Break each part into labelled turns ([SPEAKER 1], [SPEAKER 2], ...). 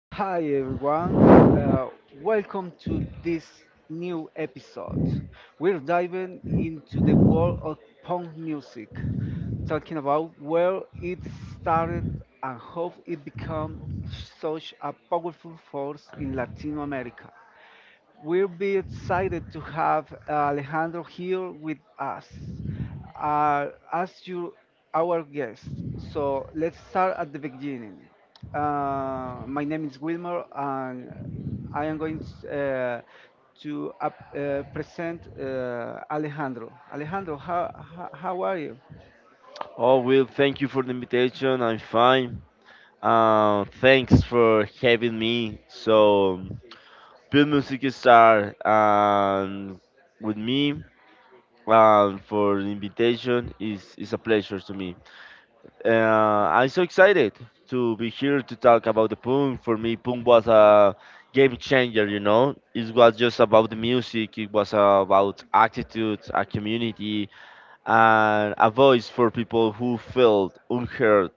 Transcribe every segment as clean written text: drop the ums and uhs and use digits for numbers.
[SPEAKER 1] Hi everyone, welcome to this new episode. We're diving into the world of punk music, talking about where it started and how it became such a powerful force in Latin America. We'll be excited to have Alejandro here with us uh, as our guest. So let's start at the beginning. My name is Wilmer, and I am going uh, to present Alejandro. Alejandro, how are you?
[SPEAKER 2] Oh, Will, thank you for the invitation. I'm fine. Thanks for having me. So, Bill Music Star with me for the invitation is a pleasure to me. I'm so excited to be here to talk about the punk. For me, punk was a game changer. You know, it was just about the music. It was about attitude, a community, and a voice for people who felt unheard.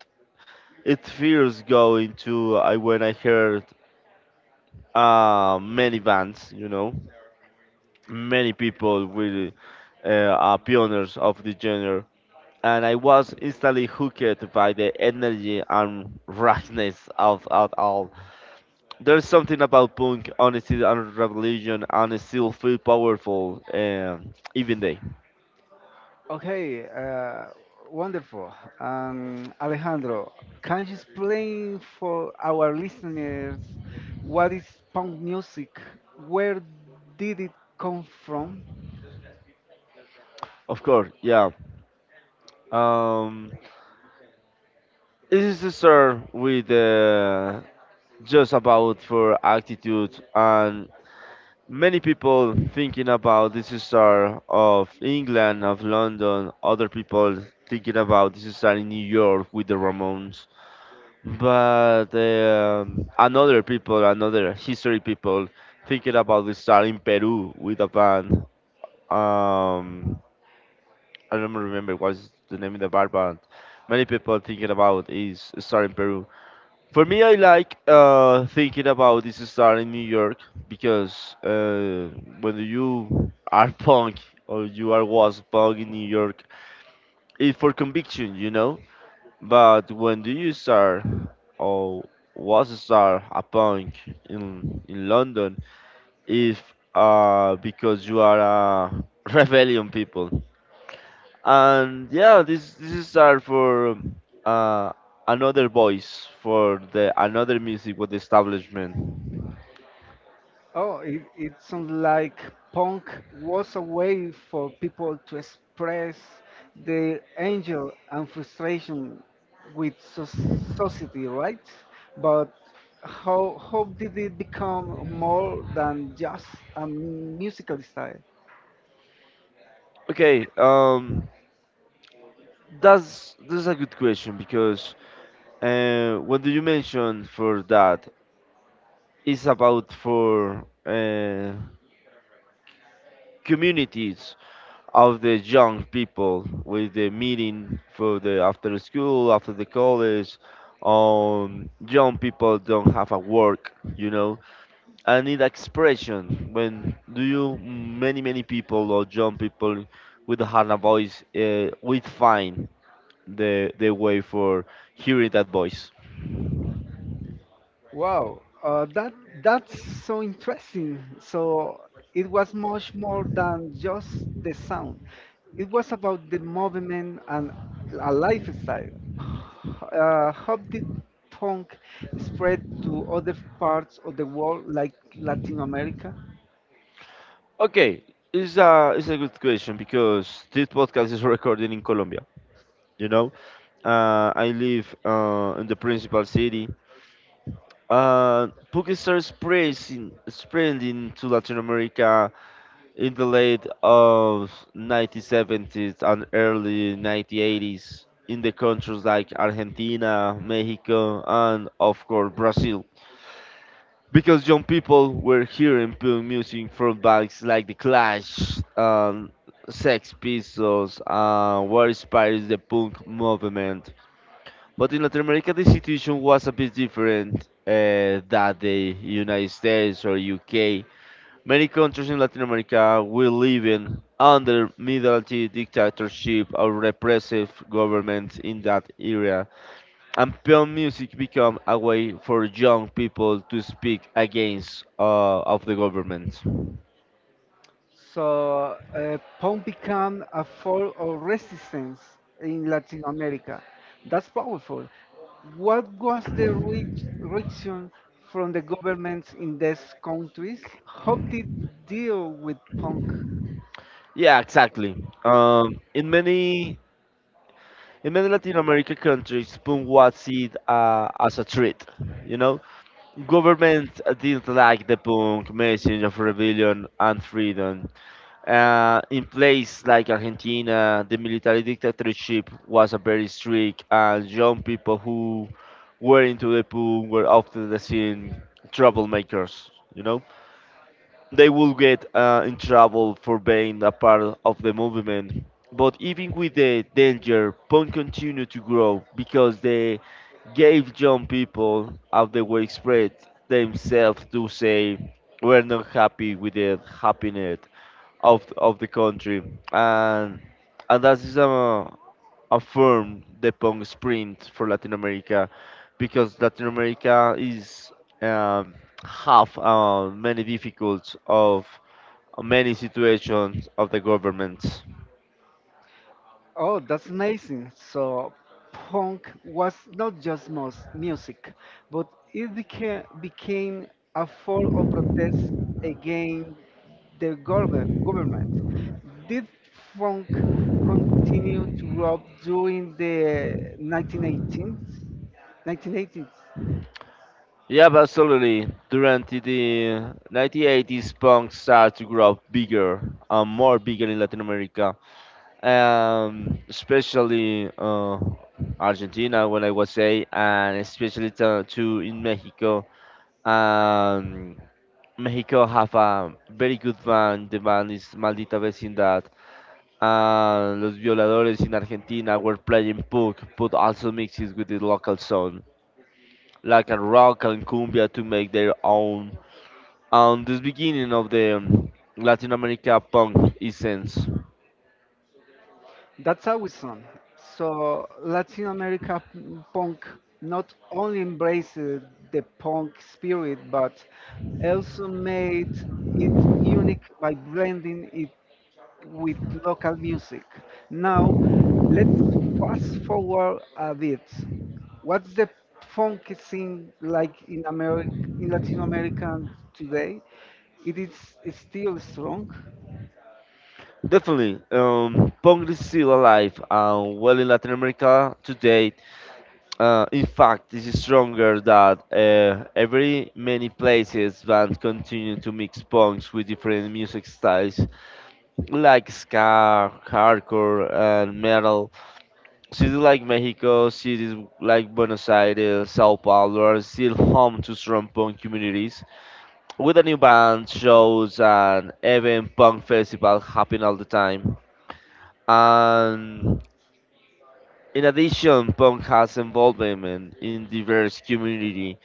[SPEAKER 2] It feels going to I when I heard many bands, you know, many people with are pioneers of the genre, and I was instantly hooked by the energy and roughness of all. There's something about punk, honesty, and revolution, and it still feel powerful even they.
[SPEAKER 1] Okay, wonderful. Alejandro, can you explain for our listeners what is punk music? Where did it come from?
[SPEAKER 2] Of course, yeah. Um, it is a start with just about for attitude and many people thinking about this is star of England, of London. Other people thinking about this is star in New York with the Ramones. But another people, another history people thinking about this star in Peru with a band. Um, I don't remember what's the name of the band, but many people thinking about is star in Peru. For me, I like thinking about this star in New York because when you are punk or you are was punk in New York, it's for conviction, you know. But when do you start or was a star a punk in London? If because you are a rebellion people, and yeah, this is star for uh, another voice for the another music with the establishment.
[SPEAKER 1] Oh, it sounds like punk was a way for people to express their anger and frustration with society, right? But how did it become more than just a musical style?
[SPEAKER 2] Okay, that's a good question because what do you mention for that is about for communities of the young people with the meeting for the after school, after the college. Young people don't have a work, you know, and need expression when do you many people or young people with a hard voice we find the way for hearing that voice?
[SPEAKER 1] Wow, that's so interesting. So it was much more than just the sound. It was about the movement and a lifestyle. How did punk spread to other parts of the world like Latin America?
[SPEAKER 2] Okay, it's a good question because this podcast is recorded in Colombia. You know, I live in the principal city. Puki started spreading to Latin America in the late of 1970s and early 1980s in the countries like Argentina, Mexico, and of course Brazil, because young people were hearing punk music from bands like The Clash and Sex Pistols and what inspires the punk movement. But in Latin America, the situation was a bit different than the United States or UK. Many countries in Latin America were living under military dictatorship or repressive government in that era, and film music become a way for young people to speak against of the government.
[SPEAKER 1] So punk became a form of resistance in Latin America. That's powerful. What was the reaction from the governments in these countries? How did deal with punk?
[SPEAKER 2] Yeah, exactly. Um, in many in many Latin American countries, punk was seen as a threat. You know, government didn't like the punk message of rebellion and freedom, in place like Argentina, the military dictatorship was a very strict, and young people who were into the pool were often the seen troublemakers, you know? They will get in trouble for being a part of the movement. But even with the danger, Punk continued to grow because they gave young people out the way spread themselves to say we're not happy with the happiness of the country, and and that is a firm the punk sprint for Latin America because Latin America is um, have many difficulties of many situations of the government.
[SPEAKER 1] Oh, that's amazing. So, punk was not just most music, but it became a form of protest against the government. Did funk continue to grow up during the 1918s? 1980s?
[SPEAKER 2] Yeah, but absolutely. During the 1980s, punk started to grow bigger and more bigger in Latin America, especially Argentina, when I was say, and especially to in Mexico. Um, Mexico have a very good band. The band is Maldita Vecindad. Los Violadores in Argentina were playing punk, but also mixes with the local sound, like a rock and cumbia to make their own. And this beginning of the Latin America punk essence.
[SPEAKER 1] That's awesome. So Latin America punk not only embraced the punk spirit, but also made it unique by blending it with local music. Now, let's fast forward a bit. What's the funk scene like in Latin America today? It is still strong.
[SPEAKER 2] Definitely, punk is still alive and well in Latin America today. In fact, this is stronger that every many places bands continue to mix punks with different music styles like ska, hardcore, and metal. Cities like Mexico, cities like Buenos Aires, Sao Paulo are still home to strong punk communities, with a new band, shows, and even punk festivals happening all the time. And in addition, punk has involvement in diverse community.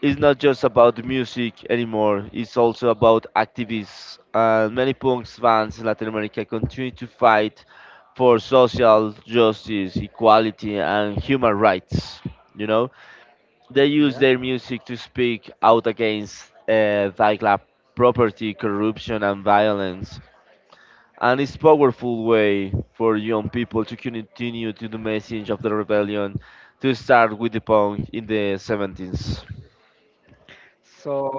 [SPEAKER 2] It's not just about music anymore. It's also about activists. And many punks fans in Latin America continue to fight for social justice, equality, and human rights. You know, they use their music to speak out against like property, corruption, and violence. And it's powerful way for young people to continue to the message of the rebellion to start with the punk in the 70s.
[SPEAKER 1] So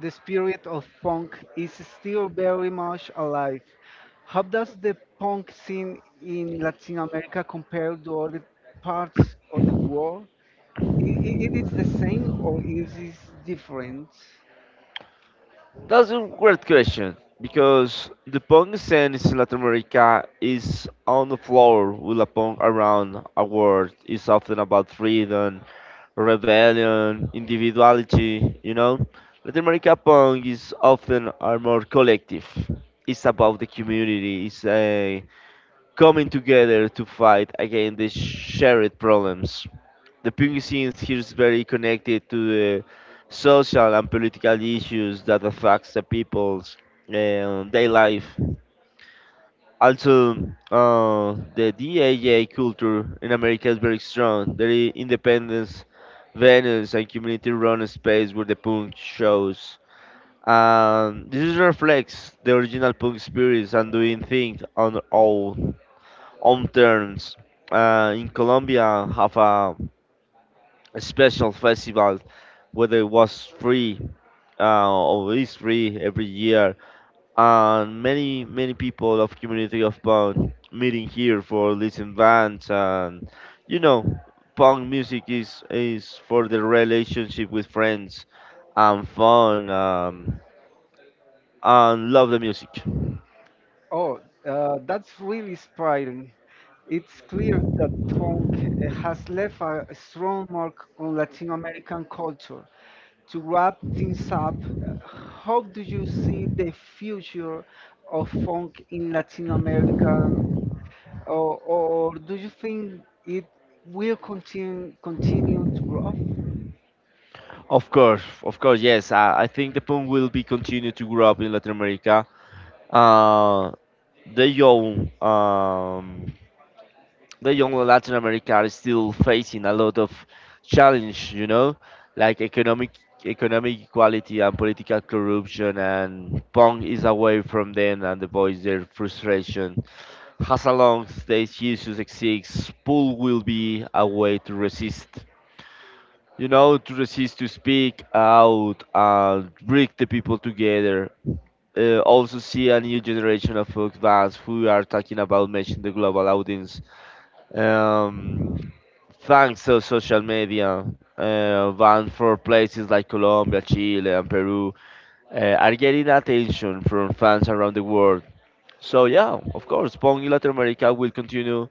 [SPEAKER 1] the spirit of punk is still very much alive. How does the punk scene in Latin America compare to other parts of the world? It is the same or is it different?
[SPEAKER 2] That's a great question because the punk scene in Latin America is on the floor with a punk around a world. It's often about freedom, rebellion, individuality, you know. Latin America punk is often are more collective. It's about the community. It's a coming together to fight against the shared problems. The punk scene here is very connected to the social and political issues that affects the people's day life. Also, the DAA culture in America is very strong. There is independence venues and community-run space where the punk shows. This is reflects the original punk spirits and doing things on our own terms. In Colombia, have a special festival, whether it was free or is free every year, and many people of community of punk meeting here for listen bands and you know punk music is for the relationship with friends and fun and love the music.
[SPEAKER 1] Oh, that's really inspiring. It's clear that punk has left a strong mark on Latin American culture. To wrap things up, how do you see the future of funk in Latin America, or do you think it will continue to grow?
[SPEAKER 2] Of course, yes. I think the punk will be continue to grow up in Latin America. Uh, they own the young Latin America are still facing a lot of challenge, you know, like economic equality and political corruption and Pong is away from them and the voice their frustration. As a long stage issues exists, pool will be a way to resist. You know, to resist to speak out and bring the people together. Also see a new generation of adults who are talking about matching the global audience um, thanks to social media, van for places like Colombia, Chile, and Peru are getting attention from fans around the world. So yeah, of course, punk in Latin America will continue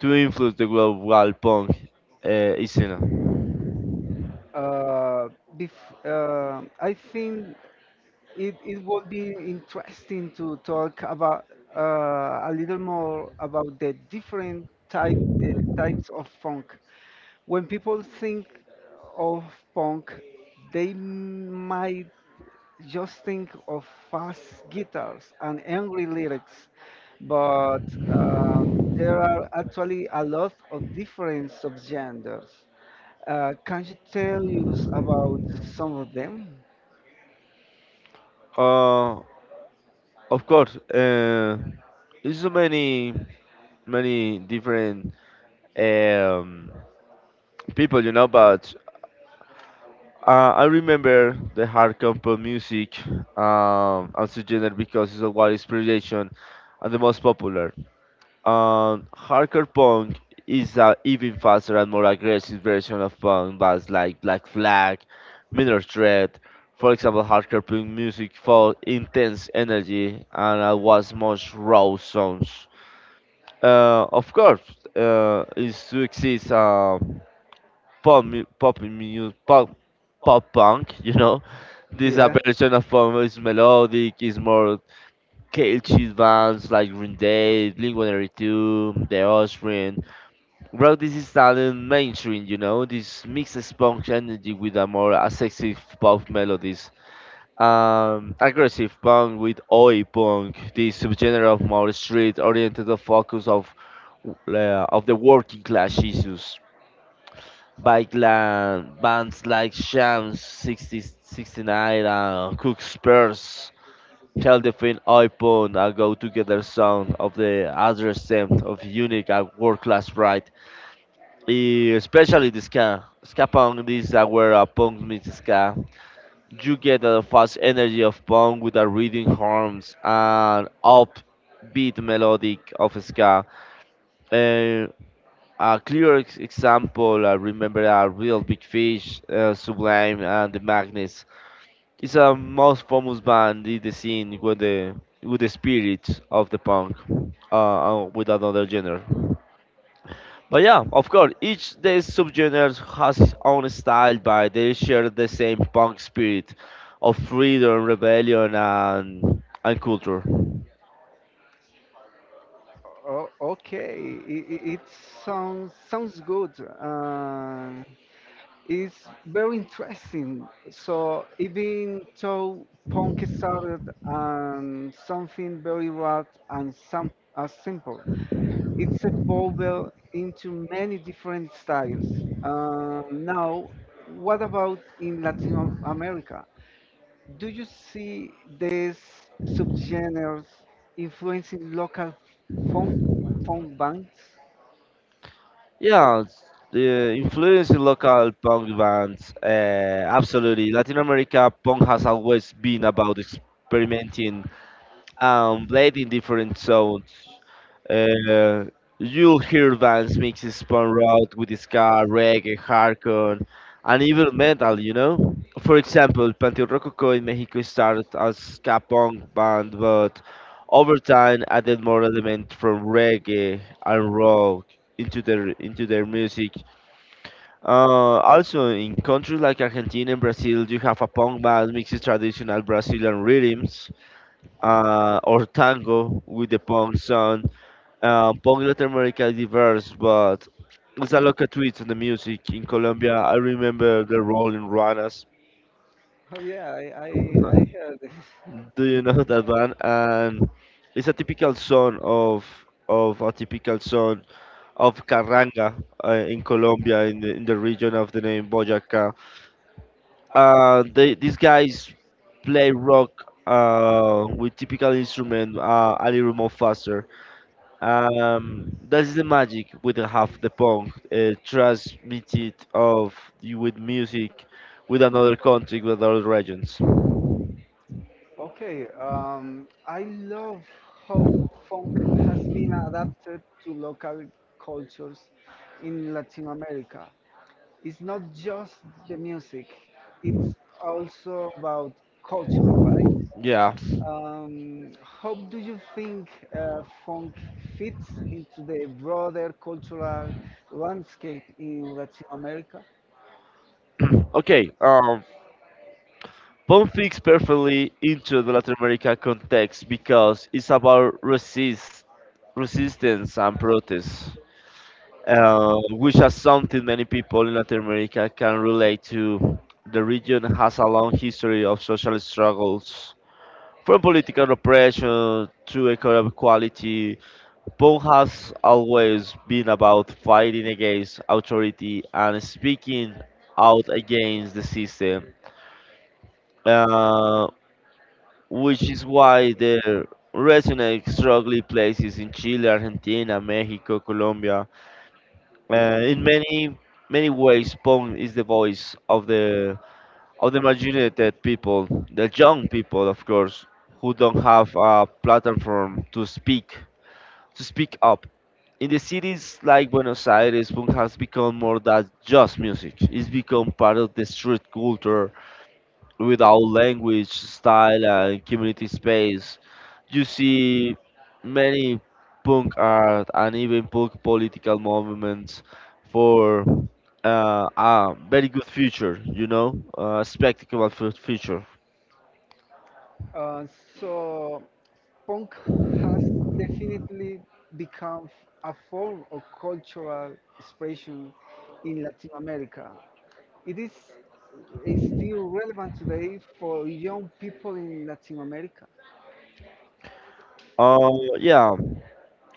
[SPEAKER 2] to influence the global punk scene.
[SPEAKER 1] Uh, I think it would be interesting to talk about a little more about the different uh, types of funk. When people think of punk, they might just think of fast guitars and angry lyrics, but there are actually a lot of different subgenres. Can you tell us about some of them?
[SPEAKER 2] Uh, of course, there's so many different um, people, you know, but I remember the hardcore pop music as a genre because it's a wide inspiration and the most popular. Hardcore punk is a even faster and more aggressive version of punk bands like Black Flag, Minor Threat. For example, hardcore punk music for intense energy and was much raw sounds. Of course, is to exist pop, mu- pop, mu- pop, pop punk, you know, this a
[SPEAKER 1] Yeah.
[SPEAKER 2] version of is melodic, is more catchy bands like Green Day, Blink-182, The Offspring. Bro, this is talent mainstream, you know? This mixes punk energy with a more aggressive pop melodies. Aggressive punk with oi punk, this subgenre of more street-oriented the focus of the working class issues. Bike Bands like Shams 60, 69 and Cook Spurs Heldefin iPhone and go together sound of the other stem of unique and world class pride. Eh, especially the ska. Ska punk this is where a punk meets ska. You get the fast energy of punk with the reading horns and upbeat melodic of ska. Eh, a clear example, I remember a real big fish, Sublime and the Magnets. It's a most famous band in the scene with the spirit of the punk, with another genre. But yeah, of course, each the subgenres has its own style, but they share the same punk spirit of freedom, rebellion, and culture.
[SPEAKER 1] Oh, okay. It sounds good. It's very interesting. So even though punk started something very broad and some as simple, it's evolved into many different styles. Now, what about in Latin America? Do you see these subgenres influencing local phone phone bands?
[SPEAKER 2] Yeah, the influence in local punk bands, absolutely. Latin America punk has always been about experimenting and played in different sounds. Uh, you'll hear bands mix spawn rock with ska, reggae, hardcore, and even metal, you know? For example, Panteon Rococo in Mexico started as ska punk band, but over time added more elements from reggae and rock into their into their music. Also, in countries like Argentina and Brazil, you have a punk band mixes traditional Brazilian rhythms or tango with the punk sound. Punk Latin America is diverse, but it's a local twist on the music. In Colombia, I remember the Rolling Runners.
[SPEAKER 1] Oh, yeah, I, I, I heard this.
[SPEAKER 2] Do you know that band? And it's a typical song of a typical song of carranga in Colombia, in the region of the name Boyacá. These guys play rock with typical instrument a little more faster. That is the magic with the half the punk transmitted of with music with another country with other regions.
[SPEAKER 1] Okay, I love how funk has been adapted to local cultures in Latin America. It's not just the music, it's also about culture, right?
[SPEAKER 2] Yeah.
[SPEAKER 1] How do you think funk fits into the broader cultural landscape in Latin America?
[SPEAKER 2] Okay. Punk fits perfectly into the Latin America context because it's about resistance and protest, which is something many people in Latin America can relate to. The region has a long history of social struggles, from political oppression to economic equality. Punk has always been about fighting against authority and speaking out against the system. Uh, which is why the resonate strongly places in Chile, Argentina, Mexico, Colombia. In many ways, Pong is the voice of the marginalized people, the young people, of course, who don't have a platform to speak up. In the cities like Buenos Aires, punk has become more than just music. It's become part of the street culture, with our language, style, and community space. You see many punk art and even punk political movements for a very good future, you know, a spectacular future.
[SPEAKER 1] Uh, so, punk has definitely become a form of cultural expression in Latin America. It is, is still relevant today for young people in Latin America.
[SPEAKER 2] Uh, yeah,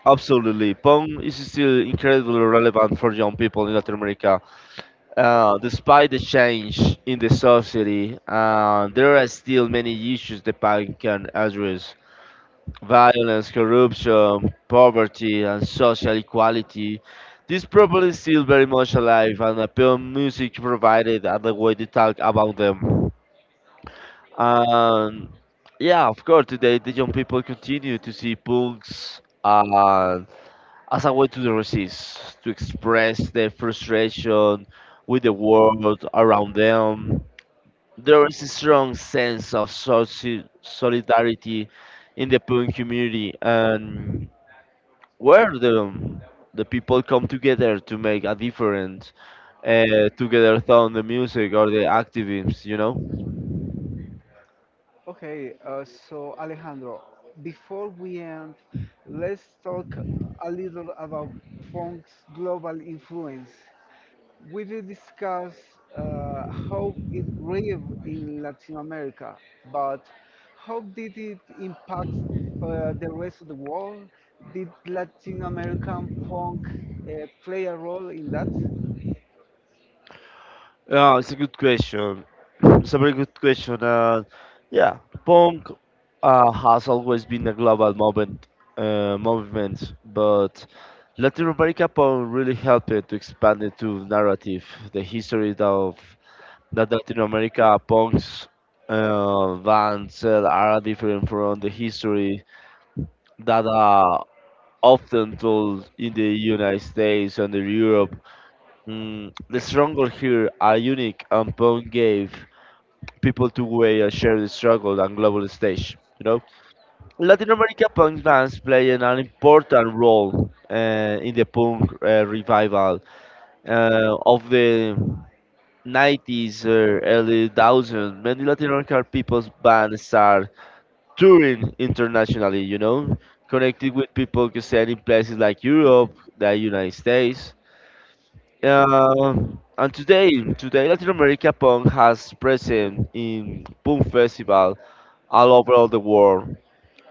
[SPEAKER 2] absolutely. Punk is still incredibly relevant for young people in Latin America. Despite the change in the society, there are still many issues the punk can address: violence, corruption, poverty, and social equality. This problem is still very much alive, and appeal music provided another way to talk about them. And yeah, of course, today the young people continue to see punks as a way to resist, to express their frustration with the world around them. There is a strong sense of solidarity in the punk community, and where the people come together to make a difference together through the music or the activism, you know?
[SPEAKER 1] Okay, so Alejandro, before we end, let's talk a little about punk's global influence. We will discuss how it grew in Latin America, but how did it impact the rest of the world? Did Latin American punk play a role in that?
[SPEAKER 2] Yeah, it's a good question. It's a very good question. Yeah, punk has always been a global movement, movement, but Latin America punk really helped it to expand it to narrative, the history of that Latin America punks bands are different from the history that are often told in the United States and in Europe. The struggle here are unique and Pong gave people to weigh and share the struggle on global stage. You know, Latin America punk bands play an important role in the punk revival of the 90s or early 2000s. Many Latin American people's bands are touring internationally, you know, connecting with people concerned in places like Europe, the United States. Uh, and today Latin America Punk has present in punk festival all over the world.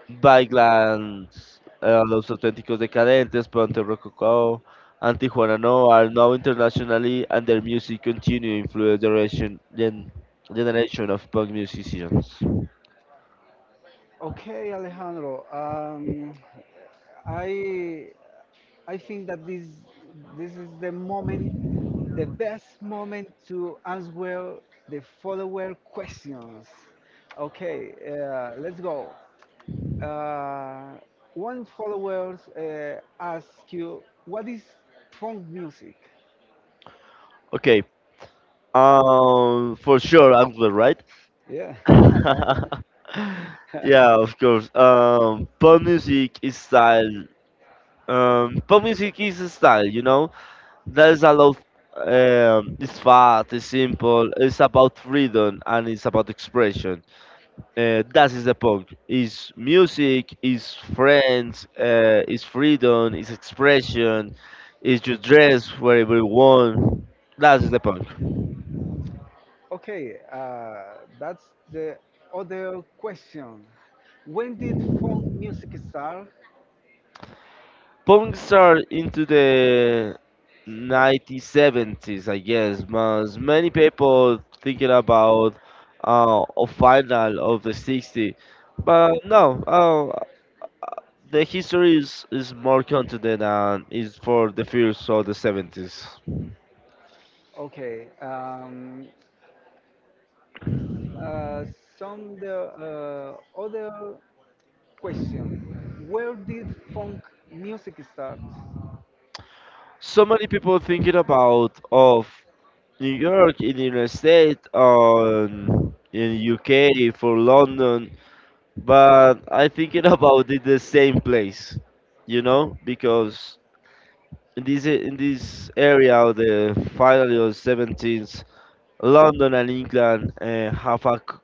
[SPEAKER 2] Bikelands, Los Auténticos Decadentes, Ponte Rococó, and Tijuana No are now internationally and their music continue to influence the generation of punk musicians.
[SPEAKER 1] Okay, Alejandro. I I think that this is the moment, the best moment to answer the follower questions. Okay, let's go. Uh, One follower asks you, "What is funk music?"
[SPEAKER 2] Okay. For sure, Angler, right?
[SPEAKER 1] Yeah.
[SPEAKER 2] Yeah, of course. Pop music is a style, you know. There's a lot. It's fast, it's simple. It's about freedom and it's about expression. That is the punk. It's music, it's friends, it's freedom, it's expression. It's your dress wherever you want. That is the punk.
[SPEAKER 1] Okay, that's the other question. When did funk music start?
[SPEAKER 2] Punks are into the 1970s, I guess, but many people thinking about a final of the 60s, but no, the history is more content and is for the first of the 70s.
[SPEAKER 1] Okay. Uh, some the other question: where did funk music start?
[SPEAKER 2] So many people thinking about of New York in the United States, on in UK for London, but I thinking about it the same place, you know, because in this area of the final or seventeenth, London and England have a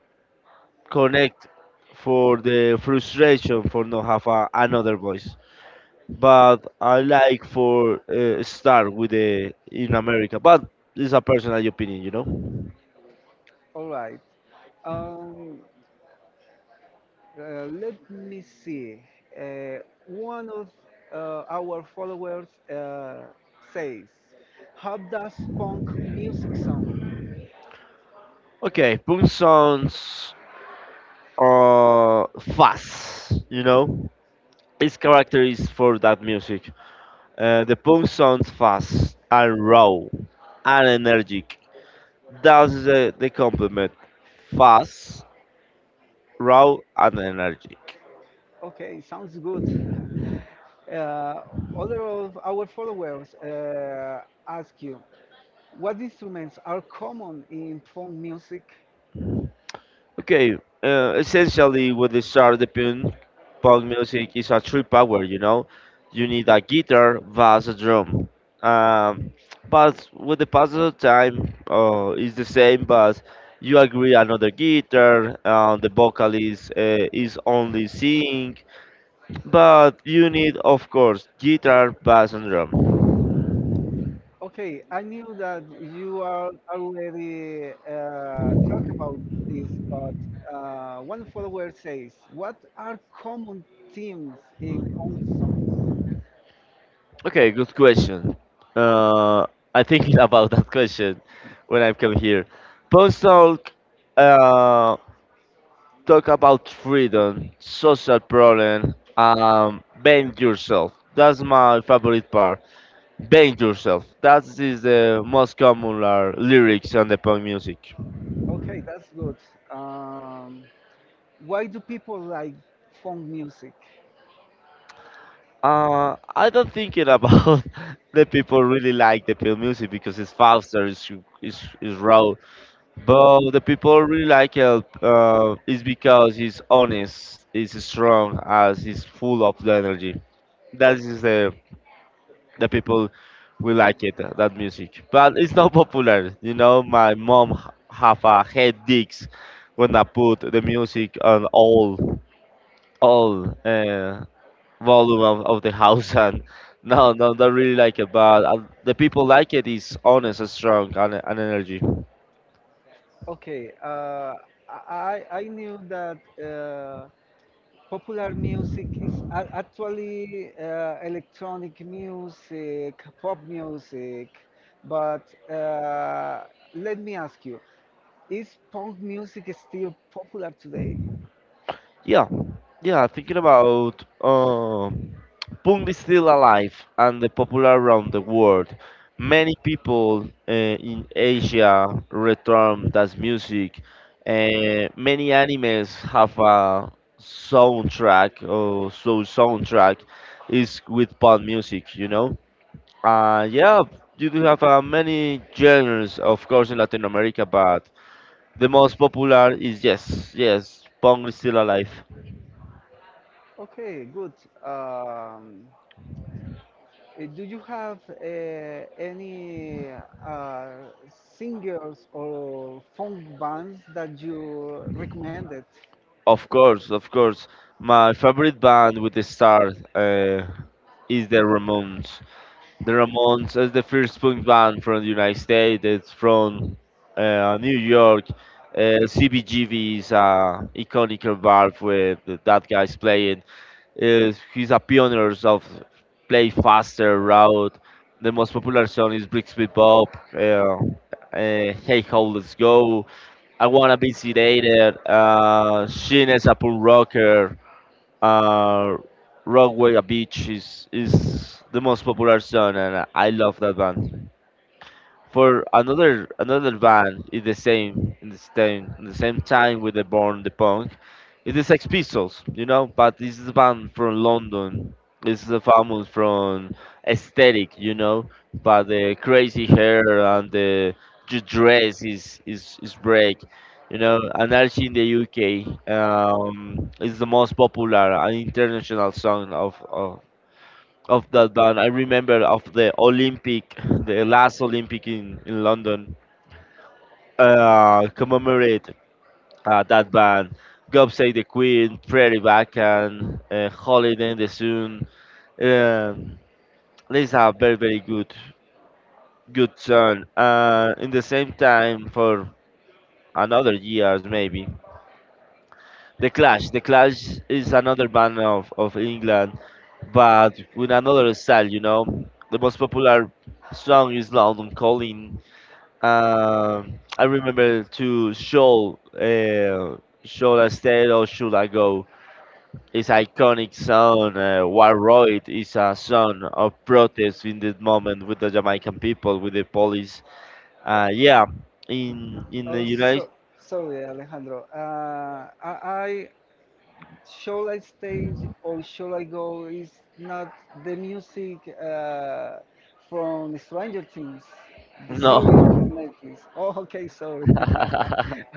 [SPEAKER 2] connect for the frustration for not have a, another voice. But I like for start with the in America, but it's a personal opinion, you know.
[SPEAKER 1] All right. Um, Let me see. Uh, One of our followers says, "How does punk music sound?"
[SPEAKER 2] Okay, punk sounds fast, you know. Its character is for that music. The punk sounds fast and raw and energetic. That's the compliment. Fast, raw, and energy?
[SPEAKER 1] Okay, sounds good. uh, Other of our followers ask you, what instruments are common in funk music?
[SPEAKER 2] Okay, essentially, with the sardapion, pop music is a three power, you know? You need a guitar, bass, a drum. Um, but with the passage of time, it's the same, but you agree another guitar, the vocalist is only singing, but you need, of course, guitar, bass, and drum.
[SPEAKER 1] Okay, I knew that you are already talked about this, but one follower says, what are common themes in funk songs?
[SPEAKER 2] Okay, good question. Uh, I think about that question when I come here. Post talk uh, talk about freedom, social problem, being yourself. That's my favorite part. Being yourself. That is the most common lyrics on the punk music.
[SPEAKER 1] Okay, that's good. Um, why do people like funk music?
[SPEAKER 2] I don't think it about the people really like the punk music because it's faster, it's raw, but the people really like Help is because he's honest, he's strong, as he's full of the energy. That is the people will like it that music. But it's not popular. You know, my mom have a headaches when I put the music on all volume of the house and. No, no, they really like it, but the people like it is honest, strong, and energy.
[SPEAKER 1] Okay, I knew that uh, popular music is actually electronic music, pop music, but let me ask you, is punk music still popular today?
[SPEAKER 2] Yeah, yeah. Thinking about Punk is still alive and the popular around the world. Many people in Asia return that music. Many animes have a soundtrack or so soundtrack is with punk music. You know. Yeah, you do have many genres, of course, in Latin America, but the most popular is yes, yes, punk is still alive.
[SPEAKER 1] Okay, good. Um, do you have any uh, singers or funk bands that you recommended?
[SPEAKER 2] Of course, of course. My favorite band with the start is the Ramones. The Ramones is the first punk band from the United States. It's from New York. CBGB is a iconic bar where that guy's playing. Is He's a pioneer of play faster route. The most popular song is Brixby Bob. Uh, Hey, how let's go. I wanna be sedated. Shin is a pool rocker. Uh, Rockaway Beach is the most popular song, and I love that band. For another Another band is the same time with the Born the Punk. It's the Sex Pistols, you know, but this is a band from London. This is a famous from aesthetic, you know, but the crazy hair and the dress is break, you know. And actually in the UK, is the most popular and international song of that band. I remember of the Olympic, the last Olympic in London, commemorate that band. God Save the Queen, Prairie Vacan, Holiday in the Sun. Um, these are very good good song. In the same time, for another years maybe, The Clash. The Clash is another band of England, but with another style, you know. The most popular song is London Calling. I remember to Shoal, Shoal Estate or Should I Go? It's iconic song. Waroid is a song of protest in this moment with the Jamaican people, with the police. Yeah, in the
[SPEAKER 1] Oh,
[SPEAKER 2] United,
[SPEAKER 1] so sorry, Alejandro. I shall I stage or shall I go? Is not the music from Stranger Things, the No, series from
[SPEAKER 2] no.
[SPEAKER 1] Netflix. Oh, okay, sorry.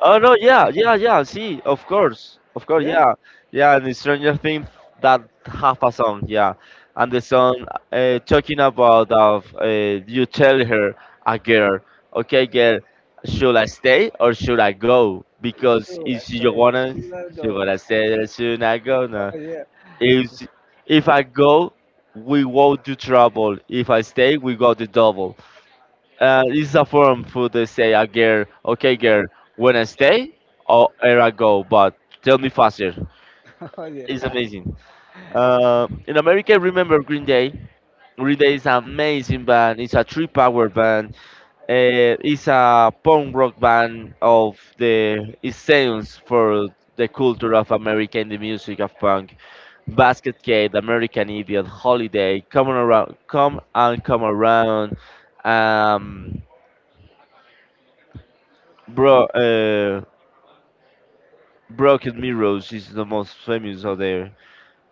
[SPEAKER 2] Oh no, yeah, yeah, yeah. See, of course,
[SPEAKER 1] Yeah,
[SPEAKER 2] yeah, yeah. And The Stranger Things that half a song, yeah, and the song talking about of you tell her a girl, okay, girl, should I stay or should I go? Because
[SPEAKER 1] sure,
[SPEAKER 2] if
[SPEAKER 1] I
[SPEAKER 2] she
[SPEAKER 1] stated.
[SPEAKER 2] wanna,
[SPEAKER 1] Should I
[SPEAKER 2] she
[SPEAKER 1] go?
[SPEAKER 2] gonna stay or should I go? No.
[SPEAKER 1] Oh yeah,
[SPEAKER 2] If if I go, we won't do trouble. If I stay, we got the double. It's a form for they say a girl. Okay, girl, when I stay or where I go, but tell me faster.
[SPEAKER 1] oh
[SPEAKER 2] It's
[SPEAKER 1] yeah.
[SPEAKER 2] amazing. In America, I remember Green Day. Green Day is an amazing band. It's a three power band. It's a punk rock band of the it stands for the culture of America and the music of punk. Basket Case, American Idiot, Holiday, Come on around, Come and Come Around. Um, Bro, uh, Broken Mirrors is the most famous out there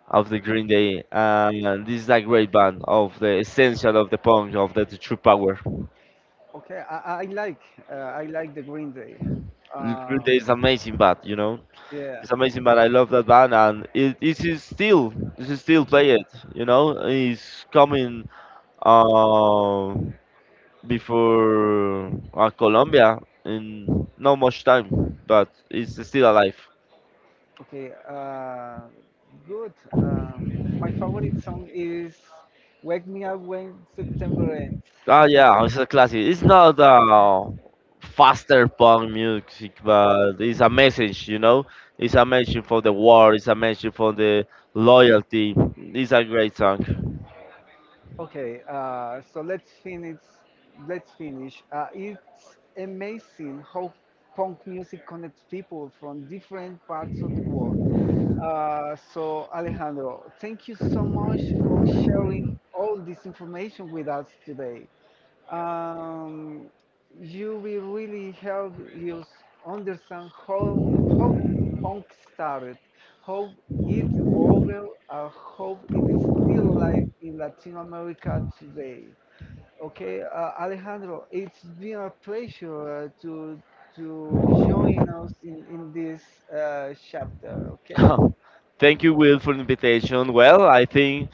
[SPEAKER 2] of the Green Day, and this is a great band of the essential of the punk of the true power.
[SPEAKER 1] Okay, I like I like the Green Day.
[SPEAKER 2] Green Day
[SPEAKER 1] Um,
[SPEAKER 2] is amazing band, you know.
[SPEAKER 1] yeah.
[SPEAKER 2] It's amazing band. I love that band, and it is still play it, you know. It's coming uh, before Colombia in not much time, but it's still alive.
[SPEAKER 1] Okay, good. My favorite song is "Wake Me Up When September Ends."
[SPEAKER 2] Oh yeah, it's a classic. It's not faster punk music, but it's a message, you know. It's a message for the war. It's a message for the loyalty. It's a great song.
[SPEAKER 1] Okay, so let's finish. Let's finish. It's amazing how punk music connects people from different parts of the world. So, Alejandro, thank you so much for sharing all this information with us today. um, you will really help you understand how punk started, how it evolved, and how it is still alive in Latin America today. Okay, Alejandro, it's been a pleasure to join us in this chapter. Okay.
[SPEAKER 2] Thank
[SPEAKER 1] Uh,
[SPEAKER 2] you, Will, for the invitation. Well, I think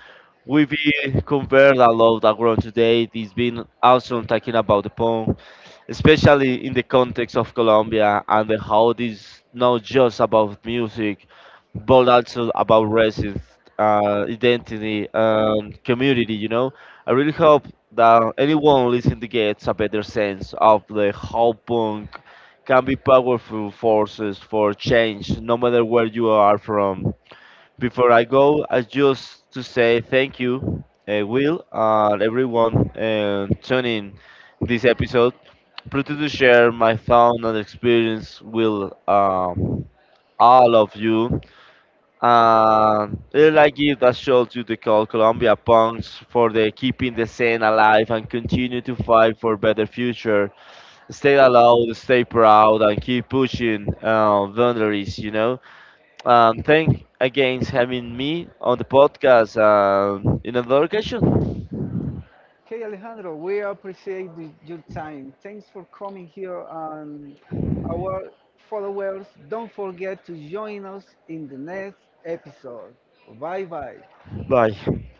[SPEAKER 2] we've been conversed a lot around today. It's been awesome talking about the punk, especially in the context of Colombia and the how it is not just about music, but also about racism, identity, and community. You know, I really hope that anyone listening to gets a better sense of the how punk can be powerful forces for change, no matter where you are from. Before I go, I just to say thank you, Will, and everyone tuning this episode. Pretty to share my found and experience with all of you. And really like it that shows you the call Colombia punks for the keeping the scene alive and continue to fight for better future. Stay allowed, stay proud, and keep pushing boundaries. You know. Thank again having me on the podcast. In another occasion.
[SPEAKER 1] Okay, Alejandro, we appreciate the, your time. Thanks for coming here and our followers, don't forget to join us in the next episode. Bye bye.
[SPEAKER 2] Bye.